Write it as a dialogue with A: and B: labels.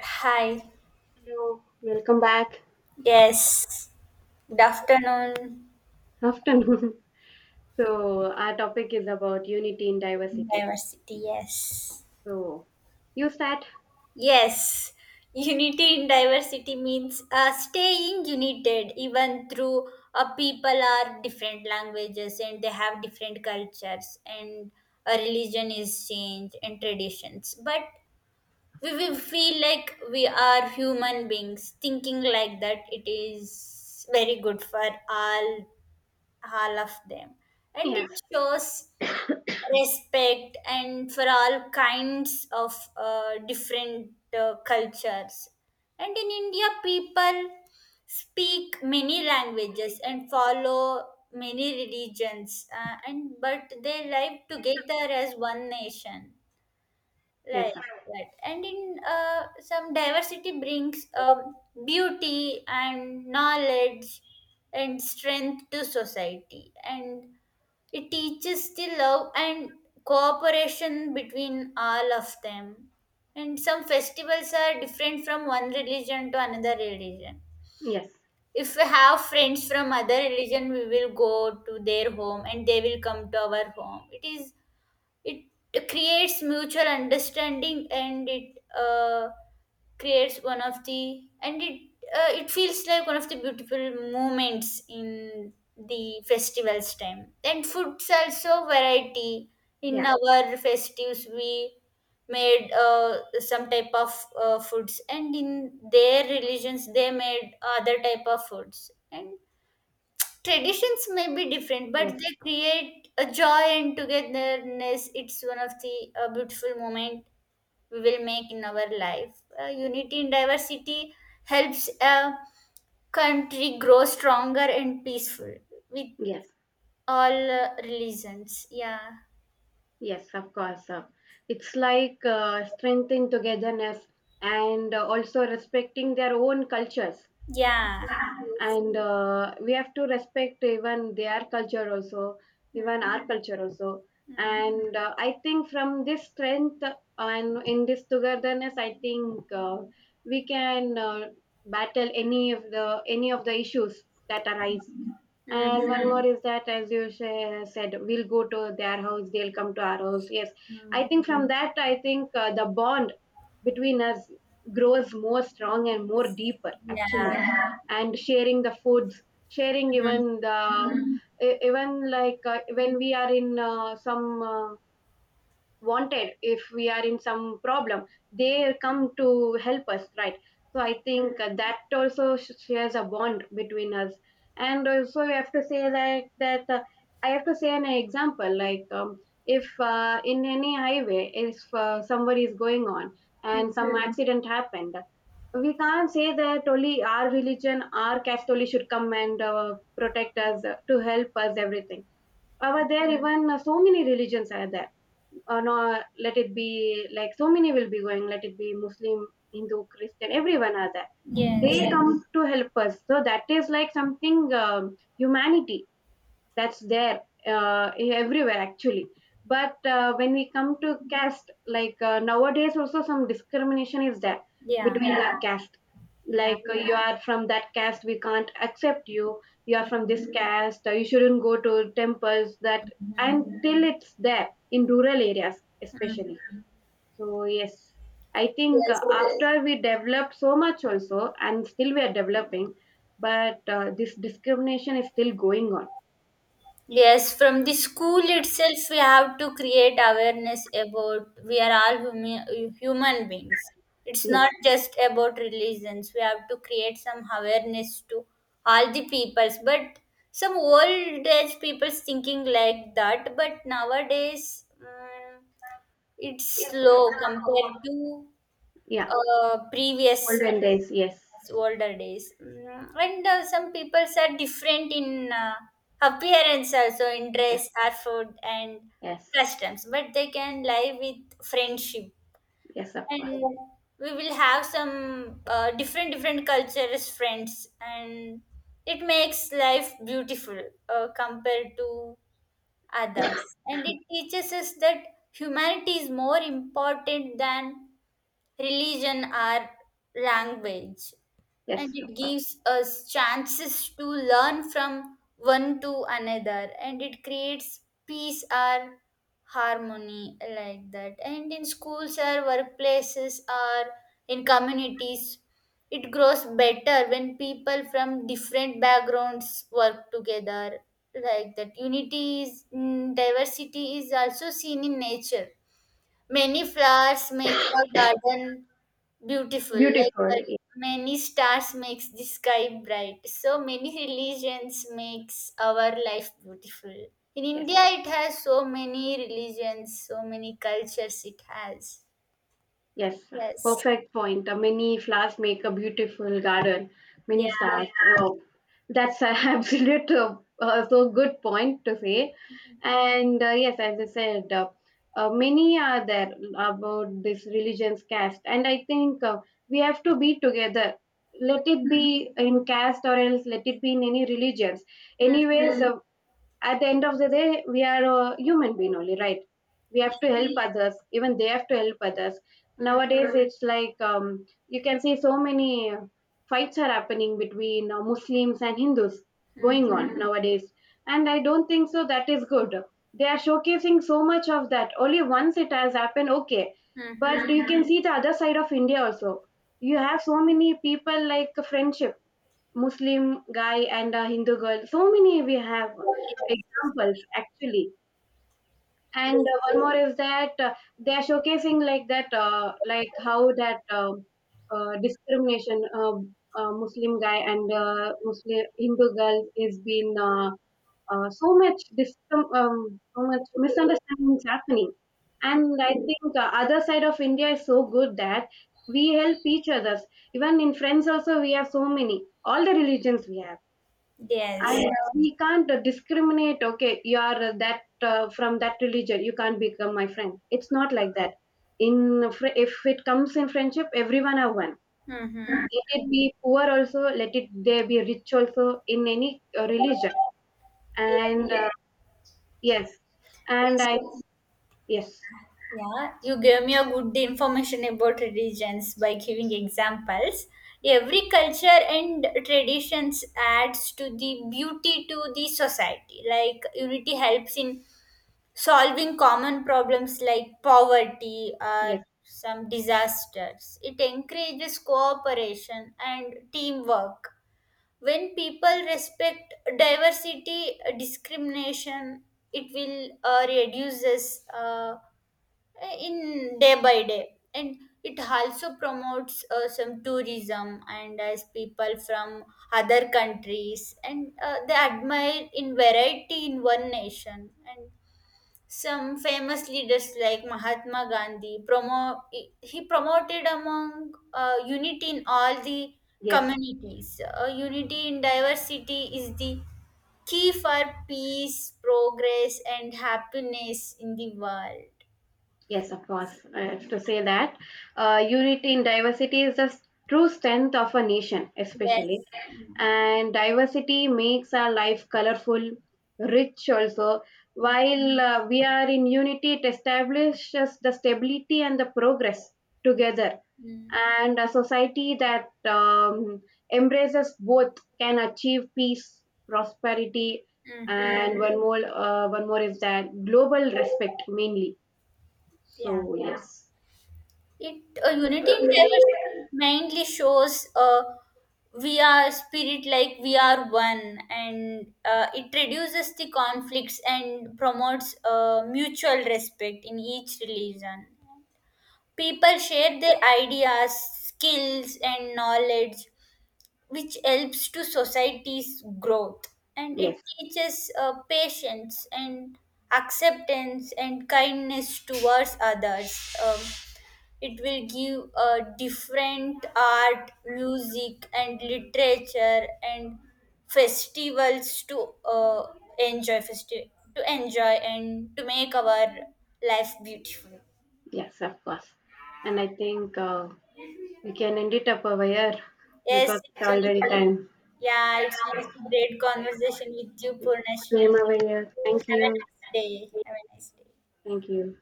A: Hi.
B: Hello, welcome back.
A: Yes. Good afternoon.
B: Afternoon. So, our topic is about unity in diversity.
A: Diversity. Yes.
B: So, you start?
A: Yes. Unity in diversity means staying united even through people are different languages and they have different cultures and a religion is changed and traditions. But we will feel like we are human beings. Thinking like that, it is very good for all all of them and it
B: Yes.
A: shows respect and for all kinds of different cultures. And in India people speak many languages and follow many religions, and but they live together as one nation like
B: Yes, sir.
A: that. And in some diversity brings beauty and knowledge and strength to society. And it teaches the love and cooperation between all of them. And some festivals are different from one religion to another religion.
B: Yes.
A: If we have friends from other religion, we will go to their home and they will come to our home. It creates mutual understanding and it creates one of the and it it feels like one of the beautiful moments in the festival's time, and foods also variety. In
B: Yeah.
A: our festives we made some type of foods, and in their religions they made other type of foods. And traditions may be different, but
B: Yes.
A: they create a joy and togetherness. It's one of the beautiful moment we will make in our life. Unity in diversity helps a country grow stronger and peaceful with
B: Yes.
A: all religions. Yeah.
B: Yes, of course, sir. It's like strengthening togetherness and also respecting their own cultures.
A: Yeah. Yes.
B: And we have to respect even their culture also,
A: Mm.
B: even our culture also.
A: Mm.
B: And I think from this strength and in this togetherness, I think we can battle any of the issues that arise.
A: Mm.
B: And one more is that, as you said, we'll go to their house, they'll come to our house. Yes,
A: Mm.
B: I think from that, I think the bond between us grows more strong and more deeper actually.
A: Yeah.
B: Yeah. And sharing the foods, sharing
A: Mhm.
B: even the even, like when we are in some uh, wanted, if we are in some problem, they come to help us, right? So I think that also shares a bond between us. And also, you have to say that that I have to say an example like, if in any highway, if somebody is going on
A: Mm.
B: and some accident happened, we can't say that only our religion, our caste only should come and protect us, to help us, everything. Over there, even so many religions are there, or no, let it be like so many will be going, let it be Muslim, Hindu, Christian, everyone are there. They
A: Yes.
B: come to help us. So that is like something, humanity, that's there, uh, everywhere actually. But when we come to caste, like nowadays also some discrimination is there
A: Yeah.
B: between the, yeah, caste.
A: Yeah.
B: Like you, yeah, are from that caste, we can't accept you. You are from this, mhm, caste, you shouldn't go to temples, that
A: Mhm.
B: until, mhm, till it's there in rural areas
A: Mm.
B: especially. So yes, I think
A: Yes.
B: after we develop so much also, and still we are developing, but this discrimination is still going on.
A: Yes, from the school itself, we have to create awareness about we are all human beings. It's not
B: Yes.
A: just about religions. We have to create some awareness to all the peoples. But some old age people's thinking like that. But nowadays, it's slow compared to
B: Yeah,
A: previous,
B: olden days. Yes,
A: it's older days. Mm. And some people are different in appearance also, in
B: yes,
A: dress or food and
B: yes,
A: customs, but they can live with friendship.
B: yes, of course.
A: And we will have some different cultures friends, and it makes life beautiful compared to others. And it teaches us that humanity is more important than religion, our language. And
B: Yes,
A: it
B: of course.
A: gives us chances to learn from one to another, and it creates peace or harmony like that. And in schools or workplaces or in communities, it grows better when people from different backgrounds work together like that. Unity is, diversity is also seen in nature. Many flowers make a garden beautiful, like that.
B: Beautiful. Yes,
A: Many stars makes the sky bright. So many religions makes our life beautiful. In
B: yes,
A: India, it has so many religions, so many cultures. It has.
B: yes.
A: Yes.
B: Perfect point. Many flowers make a beautiful garden. Many
A: Yeah.
B: stars. Oh, that's an absolute so good point to say. And yes, as I said, many are there about this religion's caste, and I think we have to be together. Let it be in caste, or else let it be in any religions.
A: Mm.
B: Anyways, at the end of the day, we are a human being only, right? We have to help others, even they have to help others.
A: Mm.
B: Nowadays it's like, you can see so many fights are happening between Muslims and Hindus,
A: Mm.
B: going on nowadays, and I don't think so that is good. They are showcasing so much of that only once it has happened, okay.
A: Mm. Mm.
B: But you can see the other side of India also. You have so many people like friendship, Muslim guy and a Hindu girl. So many we have examples actually. And
A: Yes.
B: one more is that they are showcasing like that, like how that discrimination Muslim guy and Muslim Hindu girl is been, so much so much misunderstandings happening. And I think other side of India is so good that we help each others. Even in friends also, we have so many, all the religions we have,
A: Yes. Yes.
B: and he can't discriminate, okay, you are that from that religion you can't become my friend. It's not like that. If it comes in friendship, everyone are one.
A: Hmm.
B: Let it be poor also, let it there be rich also, in any religion.
A: Yes.
B: And yes, and I, yes,
A: Yeah, you gave me a good information about religions by giving examples. Every culture and traditions adds to the beauty to the society. Like unity helps in solving common problems like poverty or
B: yes,
A: some disasters. It encourages cooperation and teamwork. When people respect diversity, discrimination, it will reduces, in day by day. And it also promotes some tourism, and as people from other countries and they admire in variety in one nation. And some famous leaders like Mahatma Gandhi he promoted among unity in all the
B: yes,
A: communities. Unity in diversity is the key for peace, progress and happiness in the world.
B: yes, of course. I have to say that unity in diversity is the true strength of a nation, especially.
A: Yes. Mm-hmm.
B: And diversity makes our life colorful, rich also. While we are in unity, it establishes the stability and the progress together. And a society that, embraces both can achieve peace, prosperity.
A: Hmm.
B: And one more, is that global respect mainly.
A: Yeah.
B: So yes,
A: It Unity in diversity mainly shows we are spirit like we are one, and it reduces the conflicts and promotes mutual respect in each religion. People share their ideas, skills, and knowledge which helps to society's growth. And it
B: yes,
A: teaches patience and acceptance and kindness towards others. It will give a different art, music and literature and festivals to to enjoy and to make our life beautiful.
B: yes, of course. And I think we can end it up over here
A: Yes,
B: because it's
A: it's one.
B: already time.
A: Yeah, it was a great conversation with you, Purnashri.
B: Same over here.
A: You
B: Thank
A: have a
B: you.
A: nice day. Have a nice day.
B: Thank you.